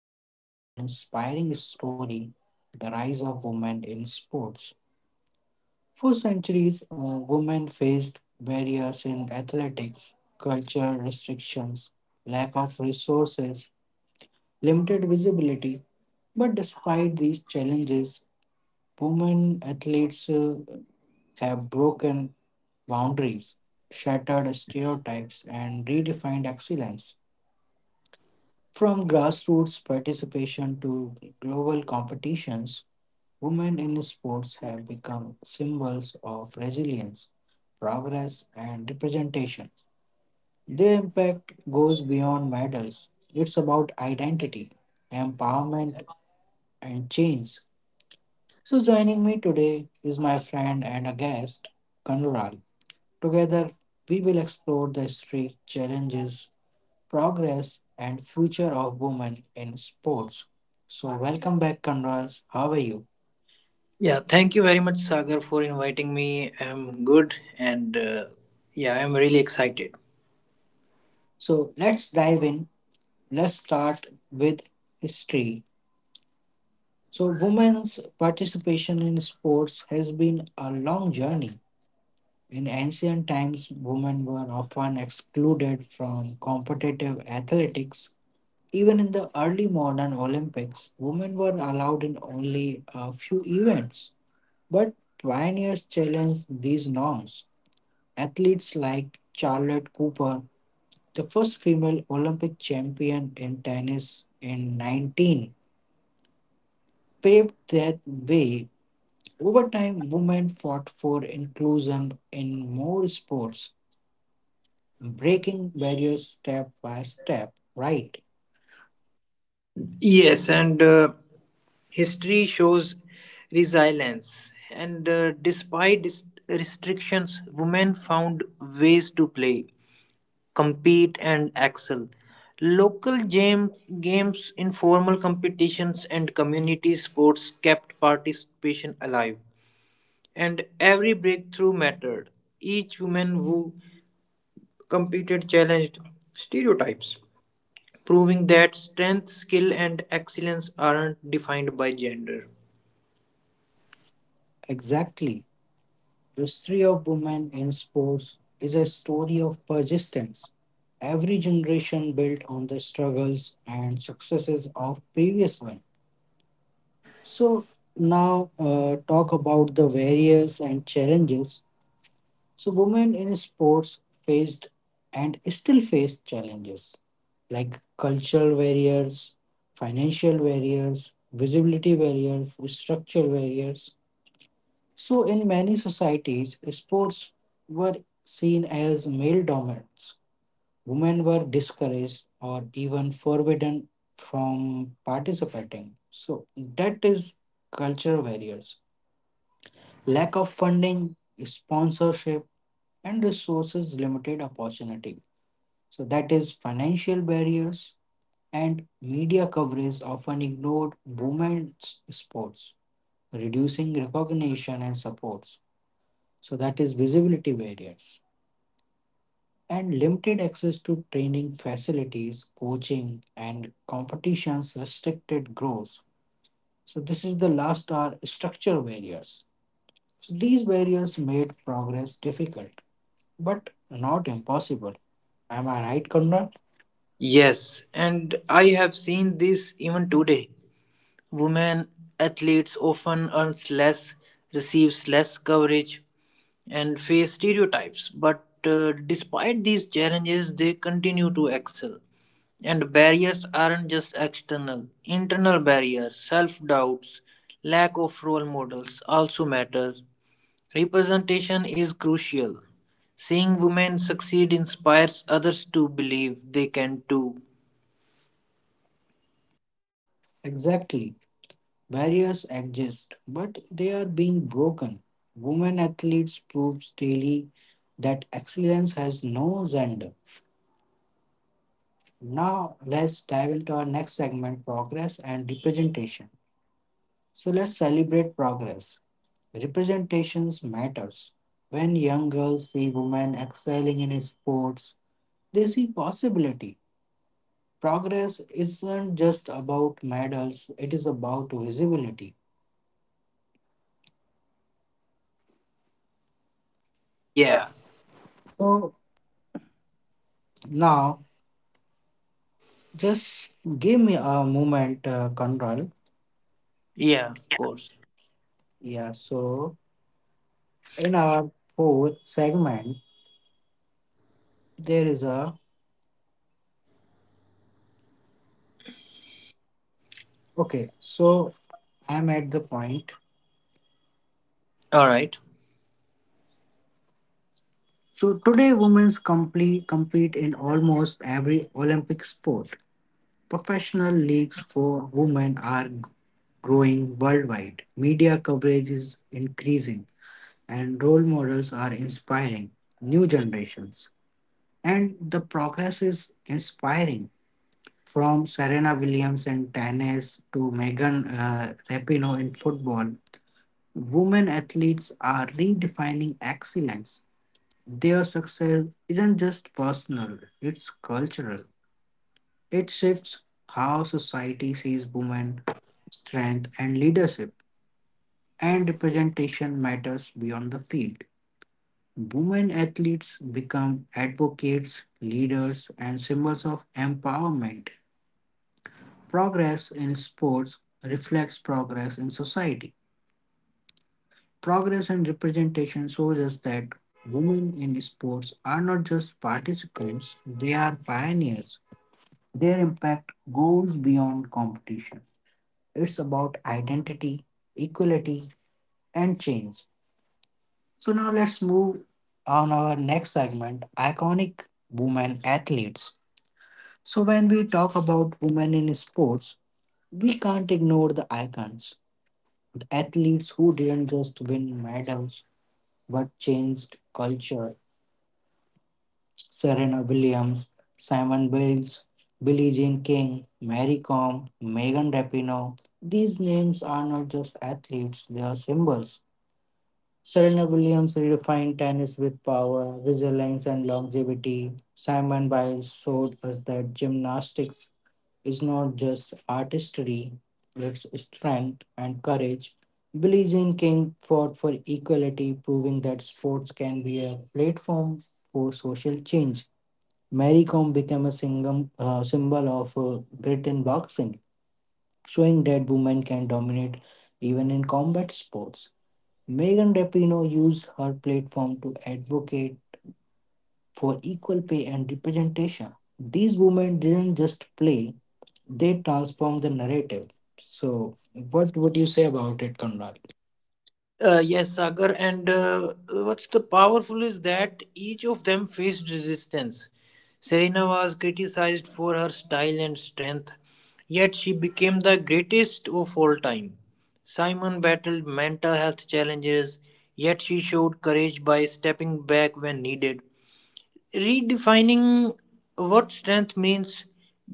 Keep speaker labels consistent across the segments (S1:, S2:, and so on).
S1: powerful and inspiring story, the rise of women in sports. For centuries, women faced barriers in athletics, culture restrictions, lack of resources, limited visibility. But despite these challenges, women athletes have broken boundaries, shattered stereotypes, and redefined excellence. From grassroots participation to global competitions, women in sports have become symbols of resilience, progress, and representation. Their impact goes beyond medals, it's about identity, empowerment, and change. So, joining me today is my friend and a guest, Kanural. Together, we will explore the history, challenges, progress, and future of women in sports. So, welcome back, Conrad. How are you?
S2: Yeah, thank you very much, Sagar, for inviting me. I'm good and yeah, I'm really excited.
S1: So, let's dive in. Let's start with history. So, women's participation in sports has been a long journey. In ancient times, women were often excluded from competitive athletics. Even in the early modern Olympics, women were allowed in only a few events, but pioneers challenged these norms. Athletes like Charlotte Cooper, the first female Olympic champion in tennis in 19, paved that way. Over time, women fought for inclusion in more sports, breaking barriers step by step. Right,
S2: Yes, and history shows resilience. And despite restrictions, women found ways to play, compete, and excel. Local game- Games, informal competitions, and community sports kept participation alive. And every breakthrough mattered. Each woman who competed challenged stereotypes, proving that strength, skill, and excellence aren't defined by gender.
S1: exactly. The history of women in sports is a story of persistence. Every generation built on the struggles and successes of previous one. So now talk about the barriers and challenges. So women in sports faced and still face challenges like cultural barriers, financial barriers, visibility barriers, structural barriers, so, in many societies, sports were seen as male dominance. Women were discouraged or even forbidden from participating. So, that is cultural barriers. Lack of funding, sponsorship, and resources limited opportunity. So, that is financial barriers, and media coverage often ignored women's sports, reducing recognition and supports. So that is visibility barriers, and limited access to training facilities, coaching, and competitions restricted growth. So this is the last are structural barriers. So these barriers made progress difficult, but not impossible. Am I right, Kanda?
S2: Yes, and I have seen this even today. Women athletes often earns less, receives less coverage, and face stereotypes. But despite these challenges, they continue to excel. And barriers aren't just external, internal barriers, self doubts, lack of role models also matter. Representation is crucial. Seeing women succeed inspires others to believe they can too.
S1: Exactly. Barriers exist, but they are being broken. Women athletes proves daily that excellence has no gender. Now, let's dive into our next segment, progress and representation. So, let's celebrate progress. Representations matters. When young girls see women excelling in sports, they see possibility. Progress isn't just about medals, it is about visibility. Yeah.
S2: Yeah,
S1: So now, just give me a moment, Control.
S2: yeah, of course.
S1: Yeah. So in our fourth segment, there is a okay. So I'm at the point.
S2: All right.
S1: So today, compete in almost every Olympic sport. Professional leagues for women are growing worldwide. Media coverage is increasing, and role models are inspiring new generations. And the progress is inspiring from Serena Williams in tennis to Megan Rapinoe in football. Women athletes are redefining excellence. Their success isn't just personal, it's cultural. It shifts how society sees women, strength, and leadership, and representation matters beyond the field. Women athletes become advocates, leaders, and symbols of empowerment. Progress in sports reflects progress in society. Progress and representation shows us that women in sports are not just participants, they are pioneers. Their impact goes beyond competition. It's about identity, equality, and change. So now let's move on our next segment, iconic women athletes. So when we talk about women in sports, we can't ignore the icons, the athletes who didn't just win medals but changed culture. Serena Williams, Simon Biles, Billie Jean King, Mary Kom, Megan Rapinoe. These names are not just athletes, they are symbols. Serena Williams redefined tennis with power, resilience, and longevity. Simon Biles showed us that gymnastics is not just artistry, it's strength and courage. Billie Jean King fought for equality, proving that sports can be a platform for social change. Mary Kom became a single, symbol of grit in boxing, showing that women can dominate even in combat sports. Megan Rapinoe used her platform to advocate for equal pay and representation. These women didn't just play, they transformed the narrative. So, what would you say about it, Konrad?
S2: Yes, Sagar, and what's the powerful is that each of them faced resistance. Serena was criticized for her style and strength, yet she became the greatest of all time. Simon battled mental health challenges, yet she showed courage by stepping back when needed redefining what strength means.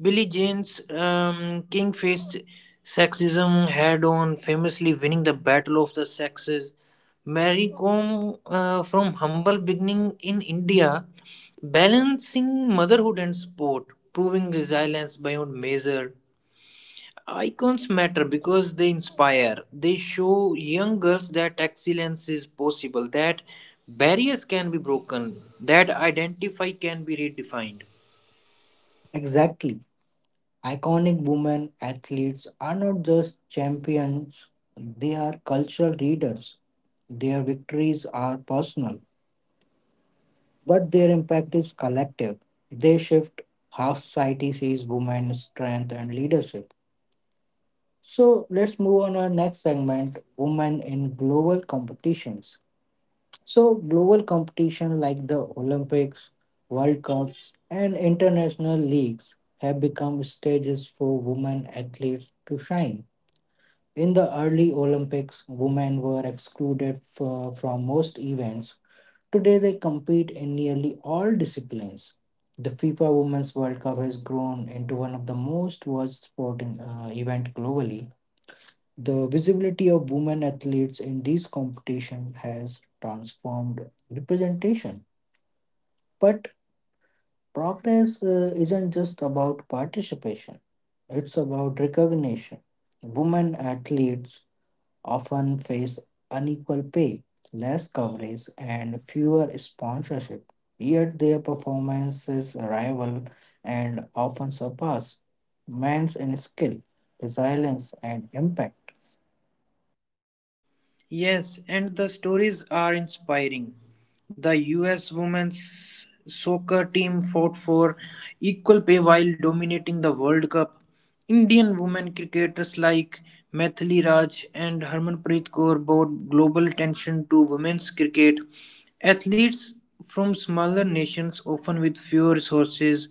S2: Billy Jane's King faced sexism head on, famously winning the Battle of the Sexes. Mary Kom, from humble beginning in India, balancing motherhood and sport, proving resilience beyond measure. Icons matter because they inspire. They show young girls that excellence is possible, that barriers can be broken, that identity can be redefined.
S1: Exactly. Iconic women athletes are not just champions, they are cultural leaders. Their victories are personal, but their impact is collective. They shift how society sees women's strength and leadership. So let's move on our next segment, women in global competitions. So, global competition like the Olympics, World Cups, and international leagues have become stages for women athletes to shine. In the early Olympics, women were excluded from most events. Today, they compete in nearly all disciplines. The FIFA Women's World Cup has grown into one of the most watched sporting event globally. The visibility of women athletes in these competitions has transformed representation. But progress isn't just about participation; it's about recognition. Women athletes often face unequal pay, less coverage, and fewer sponsorship. Yet their performances rival and often surpass men's in skill, resilience, and impact.
S2: Yes, and the stories are inspiring. The US women's soccer team fought for equal pay while dominating the World Cup. Indian women cricketers like Mithili Raj and Harmanpreet Kaur brought global attention to women's cricket. Athletes from smaller nations, often with fewer resources,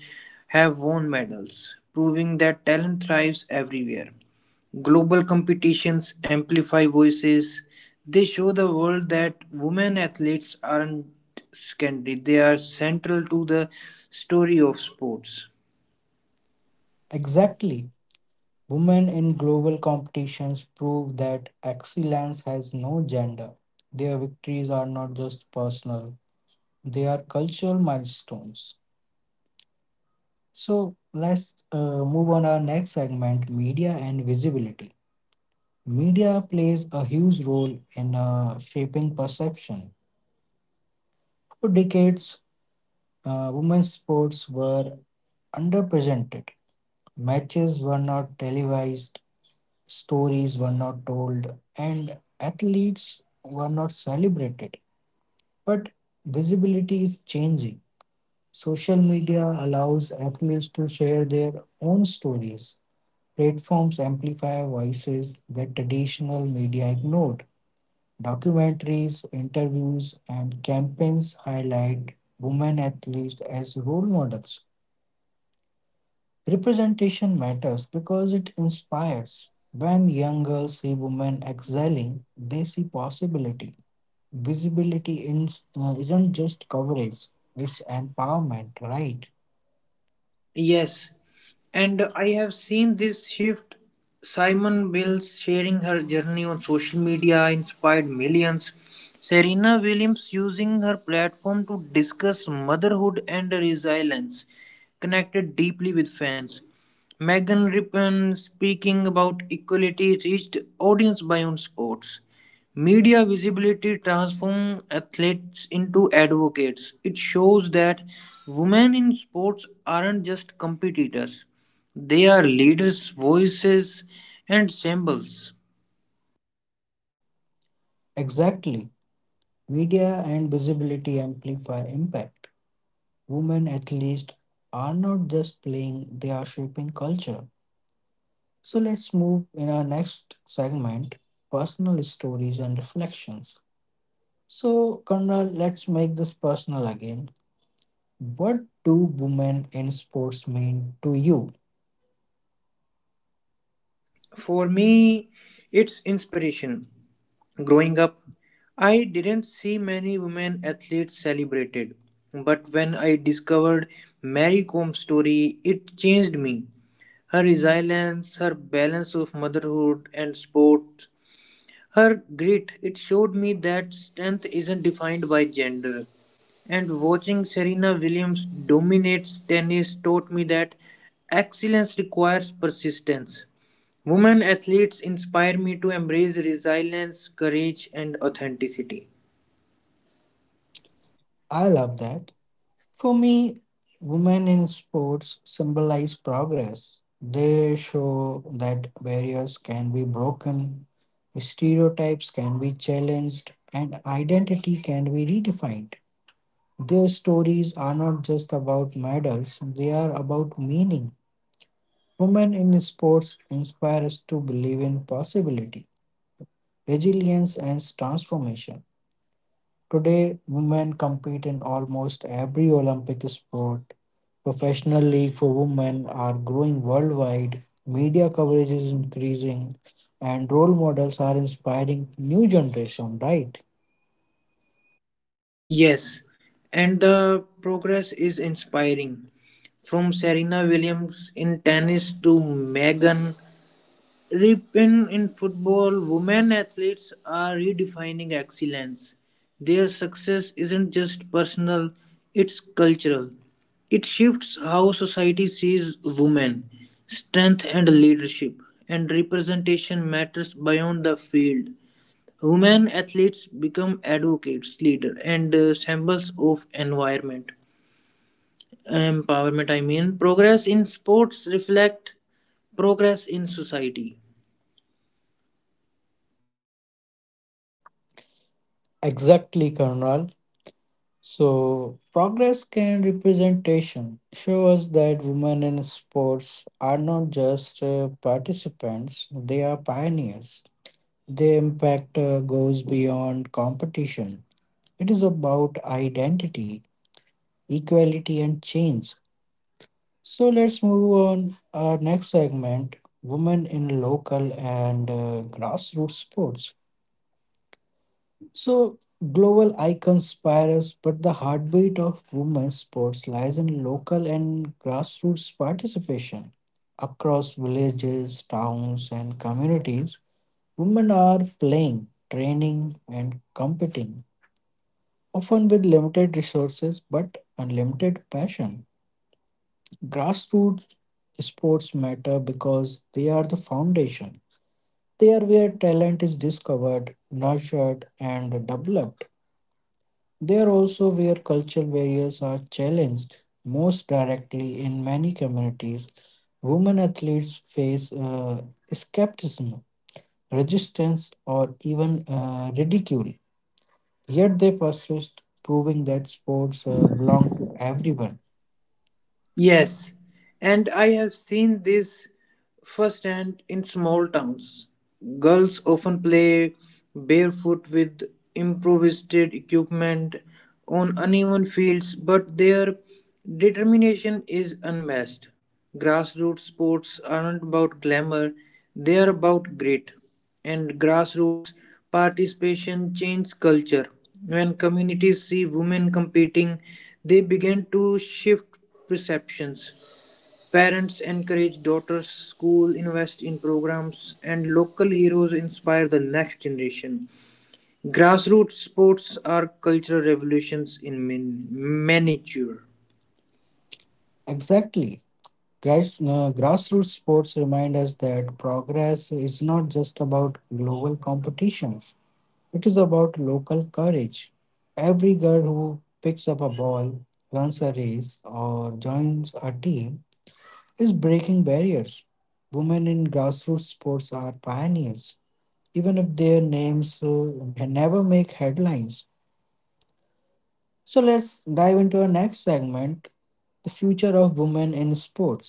S2: have won medals, proving that talent thrives everywhere. Global competitions amplify voices. They show the world that women athletes aren't secondary, they are central to the story of sports.
S1: Exactly. Women in global competitions prove that excellence has no gender. Their victories are not just personal, they are cultural milestones. So let's move on our next segment, media and visibility. Media plays a huge role in shaping perception. For decades, women's sports were underrepresented. Matches were not televised, stories were not told, and athletes were not celebrated. But visibility is changing. Social media allows athletes to share their own stories. Platforms amplify voices that traditional media ignored. Documentaries, interviews, and campaigns highlight women athletes as role models. Representation matters because it inspires. When young girls see women excelling, they see possibility. Visibility isn't just coverage, it's empowerment, right?
S2: Yes, and I have seen this shift. Simon Bills sharing her journey on social media inspired millions. Serena Williams using her platform to discuss motherhood and resilience connected deeply with fans. Megan Rippon speaking about equality reached audience beyond sports. Media visibility transforms athletes into advocates. It shows that women in sports aren't just competitors, they are leaders, voices, and symbols.
S1: Exactly. Media and visibility amplify impact. Women athletes are not just playing, they are shaping culture. So let's move in our next segment, personal stories and reflections. So, Conrad, let's make this personal again. What do women in sports mean to you?
S2: For me, it's inspiration. Growing up, I didn't see many women athletes celebrated. But when I discovered Mary Comb's story, it changed me. Her resilience, her balance of motherhood and sport her grit, it showed me that strength isn't defined by gender. And watching Serena Williams dominate tennis taught me that excellence requires persistence. Women athletes inspire me to embrace resilience, courage, and authenticity.
S1: I love that. For me, women in sports symbolize progress. They show that barriers can be broken, stereotypes can be challenged, and identity can be redefined. Their stories are not just about medals, they are about meaning. Women in sports inspire us to believe in possibility, resilience, and transformation. Today, women compete in almost every Olympic sport. Professional league for women are growing worldwide, media coverage is increasing, and role models are inspiring new generation, right?
S2: Yes, and the progress is inspiring. From Serena Williams in tennis to Megan Rep- in football, women athletes are redefining excellence. Their success isn't just personal, it's cultural. It shifts how society sees women, strength and leadership, and representation matters beyond the field. Women athletes become advocates, leaders, and symbols of environment. Empowerment, I mean. Progress in sports reflect progress in society.
S1: Exactly, Colonel. So, progress can representation show us that women in sports are not just participants, they are pioneers. Their impact goes beyond competition. It is about identity, equality, and change. So, let's move on our next segment, women in local and grassroots sports. So global icons inspire us, but the heartbeat of women's sports lies in local and grassroots participation. Across villages, towns, and communities, women are playing, training, and competing, often with limited resources but unlimited passion. Grassroots sports matter because they are the foundation. They are where talent is discovered, nurtured, and developed. There also where cultural barriers are challenged most directly in many communities. Women athletes face skepticism, resistance, or even ridicule. Yet they persist, proving that sports belong to everyone.
S2: Yes, and I have seen this firsthand in small towns. Girls often play barefoot with improvised equipment on uneven fields, but their determination is unmatched. Grassroots sports aren't about glamour, they are about grit and grassroots participation changed culture. When communities see women competing, they begin to shift perceptions. Parents encourage daughters, school invest in programs, and local heroes inspire the next generation. Grassroots sports are cultural revolutions in miniature.
S1: Exactly. Grassroots sports remind us that progress is not just about global competitions. It is about local courage. Every girl who picks up a ball, runs a race, or joins a team is breaking barriers. Women in grassroots sports are pioneers, even if their names never make headlines. So let's dive into our next segment, the future of women in sports.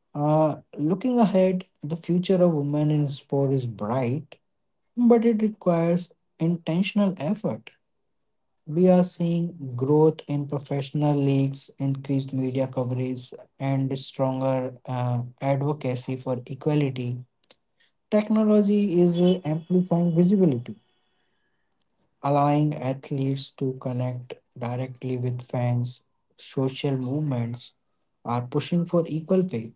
S1: Looking ahead, the future of women in sport is bright, but it requires intentional effort. We are seeing growth in professional leagues, increased media coverage, and stronger advocacy for equality. Technology is amplifying visibility, allowing athletes to connect directly with fans. Social movements are pushing for equal pay,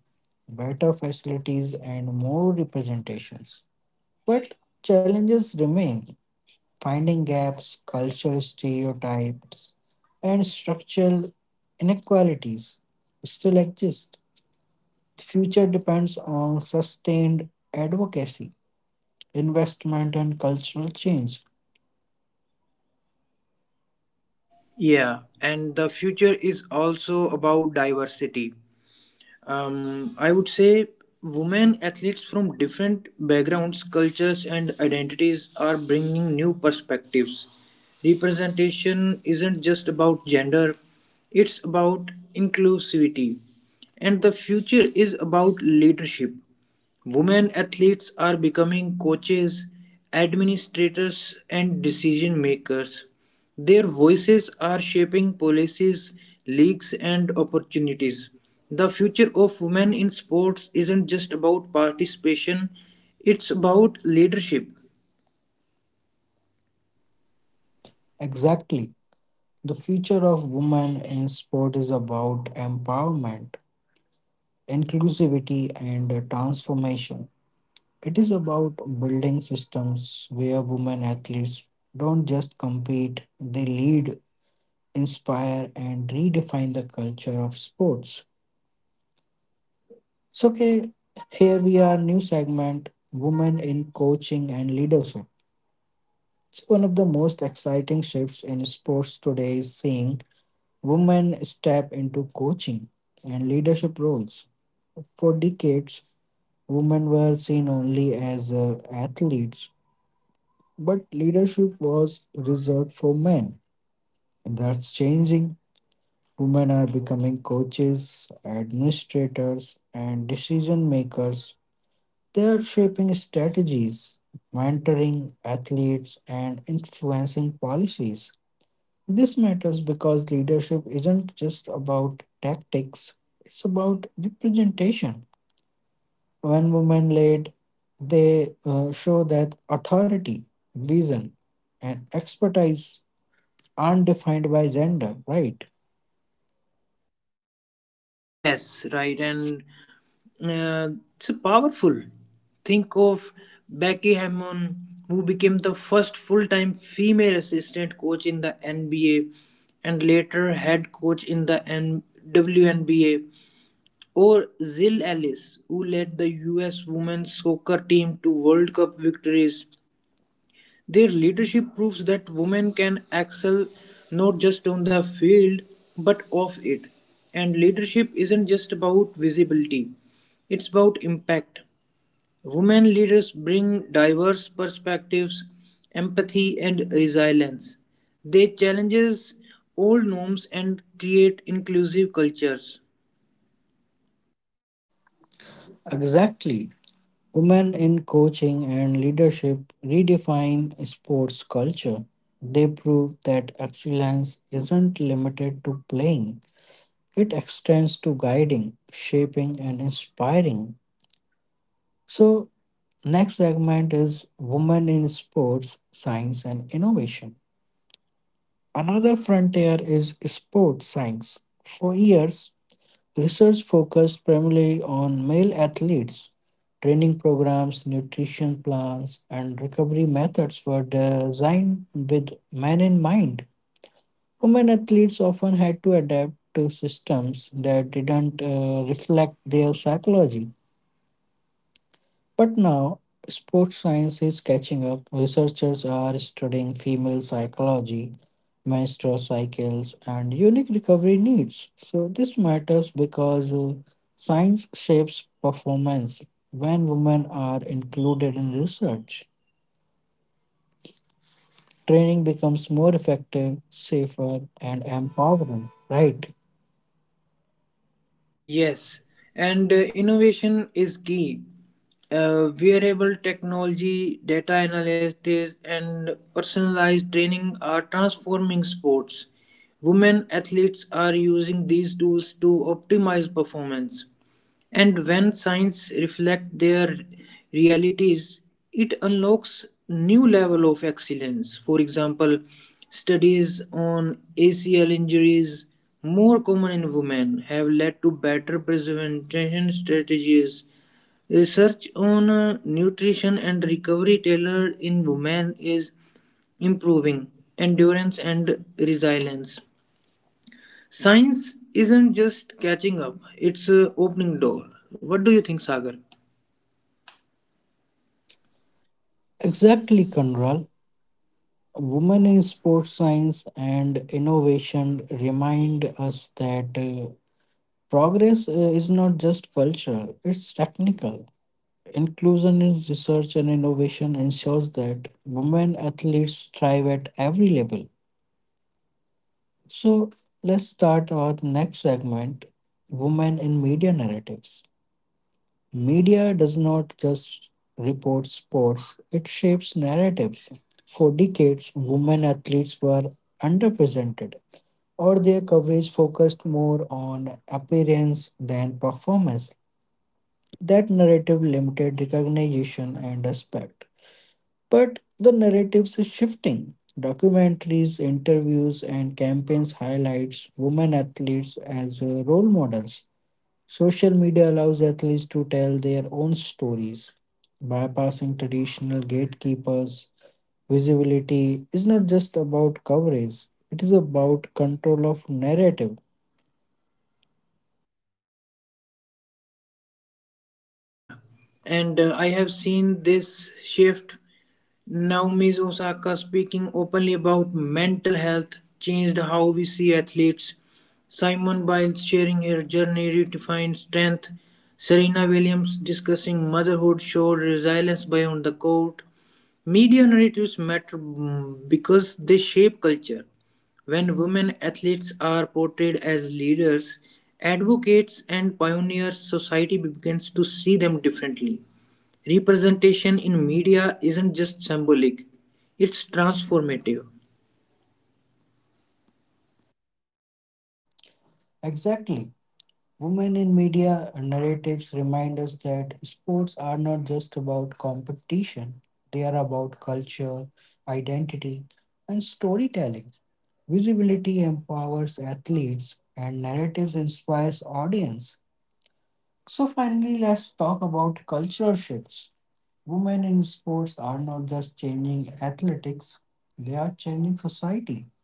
S1: better facilities, and more representations. But challenges remain finding gaps, cultural stereotypes, and structural inequalities still exist. The future depends on sustained advocacy, investment, and cultural change.
S2: Yeah, and the future is also about diversity. I would say women athletes from different backgrounds, cultures, and identities are bringing new perspectives. Representation isn't just about gender, it's about inclusivity. And the future is about leadership. Women athletes are becoming coaches, administrators, and decision makers. Their voices are shaping policies, leagues, and opportunities. The future of women in sports isn't just about participation, it's about leadership.
S1: Exactly. The future of women in sport is about empowerment, inclusivity, and transformation. It is about building systems where women athletes don't just compete, they lead, inspire, and redefine the culture of sports. So, okay, here we are, new segment, Women in Coaching and Leadership. It's one of the most exciting shifts in sports today is seeing women step into coaching and leadership roles. For decades, women were seen only as athletes, but leadership was reserved for men. That's changing. Women are becoming coaches, administrators, and decision makers. They are shaping strategies, mentoring athletes, and influencing policies. This matters because leadership isn't just about tactics, it's about representation. When women lead, they show that authority, vision, and expertise aren't defined by gender, right?
S2: Yes, right. And uh, it's powerful. Think of Becky Hammon, who became the first full time female assistant coach in the NBA and later head coach in the WNBA, or Zill Ellis, who led the US women's soccer team to World Cup victories their leadership proves that women can excel not just on the field but off it. And leadership isn't just about visibility, it's about impact. Women leaders bring diverse perspectives, empathy, and resilience. They challenge old norms and create inclusive cultures.
S1: Exactly. Women in coaching and leadership redefine sports culture. They prove that excellence isn't limited to playing, it extends to guiding, shaping, and inspiring. So, next segment is Women in Sports, Science, and Innovation. Another frontier is sports science. For years, research focused primarily on male athletes. Training programs, nutrition plans, and recovery methods were designed with men in mind. Women athletes often had to adapt to systems that didn't reflect their psychology. But now, sports science is catching up. Researchers are studying female psychology, menstrual cycles, and unique recovery needs. So, this matters because science shapes performance. When women are included in research, training becomes more effective, safer, and empowering, right?
S2: Yes, and innovation is key. Wearable technology, data analytics, and personalized training are transforming sports. Women athletes are using these tools to optimize performance. And when science reflects their realities, it unlocks new level of excellence. For example, studies on ACL injuries, more common in women, have led to better prevention strategies. Research on nutrition and recovery tailored in women is improving endurance and resilience. Science isn't just catching up, it's opening door. What do you think, Sagar?
S1: Exactly, Conral. Women in sports science and innovation remind us that progress is not just cultural, it's technical. Inclusion in research and innovation ensures that women athletes thrive at every level. So, let's start our next segment, Women in Media Narratives. Media does not just report sports, it shapes narratives. For decades, women athletes were underrepresented, or their coverage focused more on appearance than performance. That narrative limited recognition and respect. But the narratives is shifting. Documentaries, interviews, and campaigns highlights women athletes as role models. Social media allows athletes to tell their own stories, bypassing traditional gatekeepers. Visibility is not just about coverage; it is about control of narrative.
S2: Yeah, and I have seen this shift. Naomi Osaka speaking openly about mental health changed how we see athletes. Simon Biles sharing her journey redefined strength. Serena Williams discussing motherhood showed resilience beyond the court. Media narratives matter because they shape culture. When women athletes are portrayed as leaders, advocates, and pioneers, society begins to see them differently. Representation in media isn't just symbolic, it's transformative.
S1: Exactly. Women in media narratives remind us that sports are not just about competition, they are about culture, identity, and storytelling. Visibility empowers athletes, and narratives inspires audience. So finally, let's talk about cultural shifts. Women in sports are not just changing athletics, they are changing society.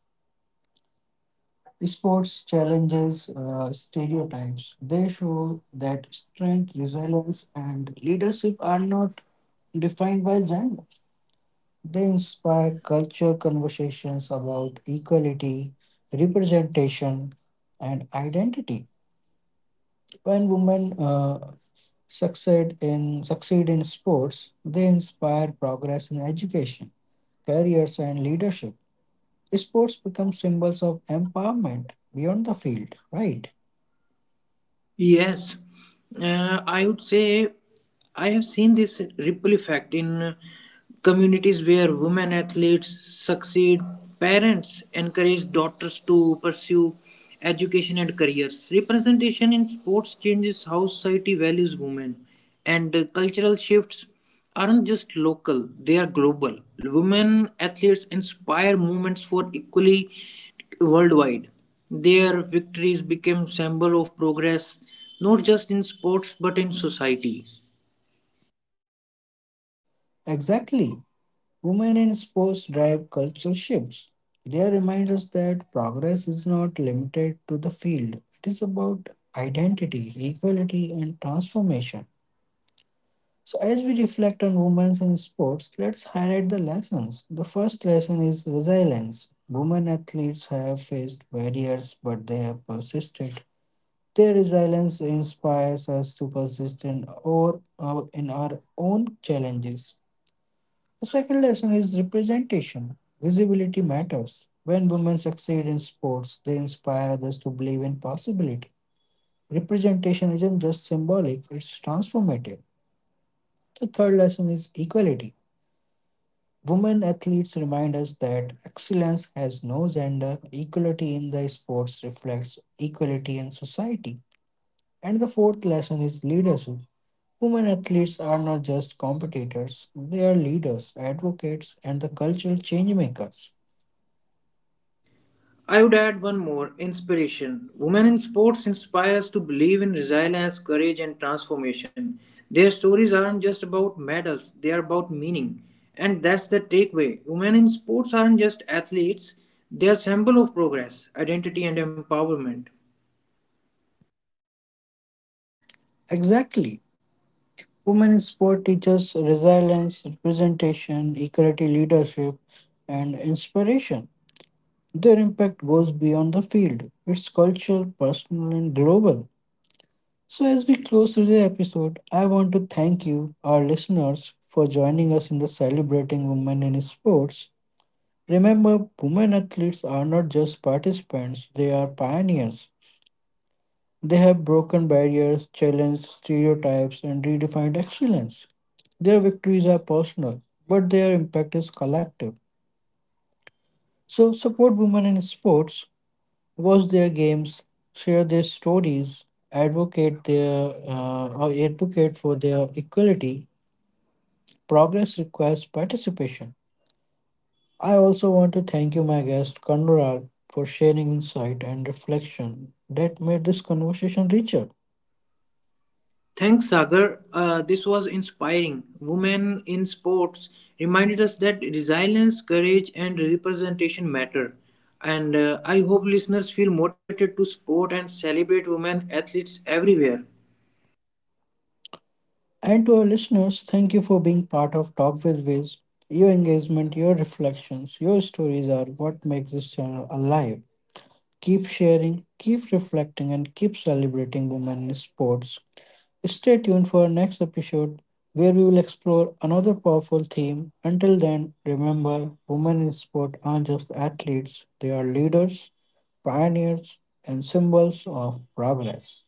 S1: Sports challenges stereotypes. They show that strength, resilience, and leadership are not defined by gender. They inspire culture conversations about equality, representation, and identity. When women succeed in sports, they inspire progress in education, careers, and leadership. Sports become symbols of empowerment beyond the field. Right?
S2: Yes, I would say I have seen this ripple effect in communities where women athletes succeed, parents encourage daughters to pursue education and careers. Representation in sports changes how society values women, and cultural shifts aren't just local, they are global. Women athletes inspire movements for equality worldwide. Their victories became symbol of progress not just in sports but in society.
S1: Exactly. Women in sports drive cultural shifts. They remind us that progress is not limited to the field, it is about identity, equality, and transformation. So, as we reflect on women in sports, let's highlight the lessons. The first lesson is resilience. Women athletes have faced barriers, but they have persisted. Their resilience inspires us to persist in in our own challenges. The second lesson is representation. Visibility matters. When women succeed in sports, they inspire others to believe in possibility. Representation isn't just symbolic, it's transformative. The third lesson is equality. Women athletes remind us that excellence has no gender, equality in the sports reflects equality in society. And the fourth lesson is leadership. Women athletes are not just competitors, they are leaders, advocates, and the cultural change makers.
S2: I would add one more inspiration. Women in sports inspire us to believe in resilience, courage, and transformation. Their stories aren't just about medals, they are about meaning. And that's the takeaway. Women in sports aren't just athletes, they are symbol of progress, identity, and empowerment.
S1: Exactly. Women in sport teaches resilience, representation, equality, leadership, and inspiration. Their impact goes beyond the field. It's cultural, personal, and global. So as we close today's episode, I want to thank you, our listeners, for joining us in the celebrating women in sports. Remember, women athletes are not just participants, they are pioneers. They have broken barriers, challenged stereotypes, and redefined excellence. Their victories are personal, but their impact is collective. So, support women in sports, watch their games, share their stories, advocate their advocate for their equality. Progress requires participation. I also want to thank you, my guest Kandural, for sharing insight and reflection that made this conversation richer.
S2: Thanks, Sagar. This was inspiring. Women in sports reminded us that resilience, courage, and representation matter. And I hope listeners feel motivated to support and celebrate women athletes everywhere.
S1: And to our listeners, thank you for being part of Talk with Wiz. Your engagement, your reflections, your stories are what makes this channel alive. Keep sharing, keep reflecting, and keep celebrating women in sports. Stay tuned for our next episode where we will explore another powerful theme. Until then, remember women in sport aren't just athletes, they are leaders, pioneers, and symbols of progress.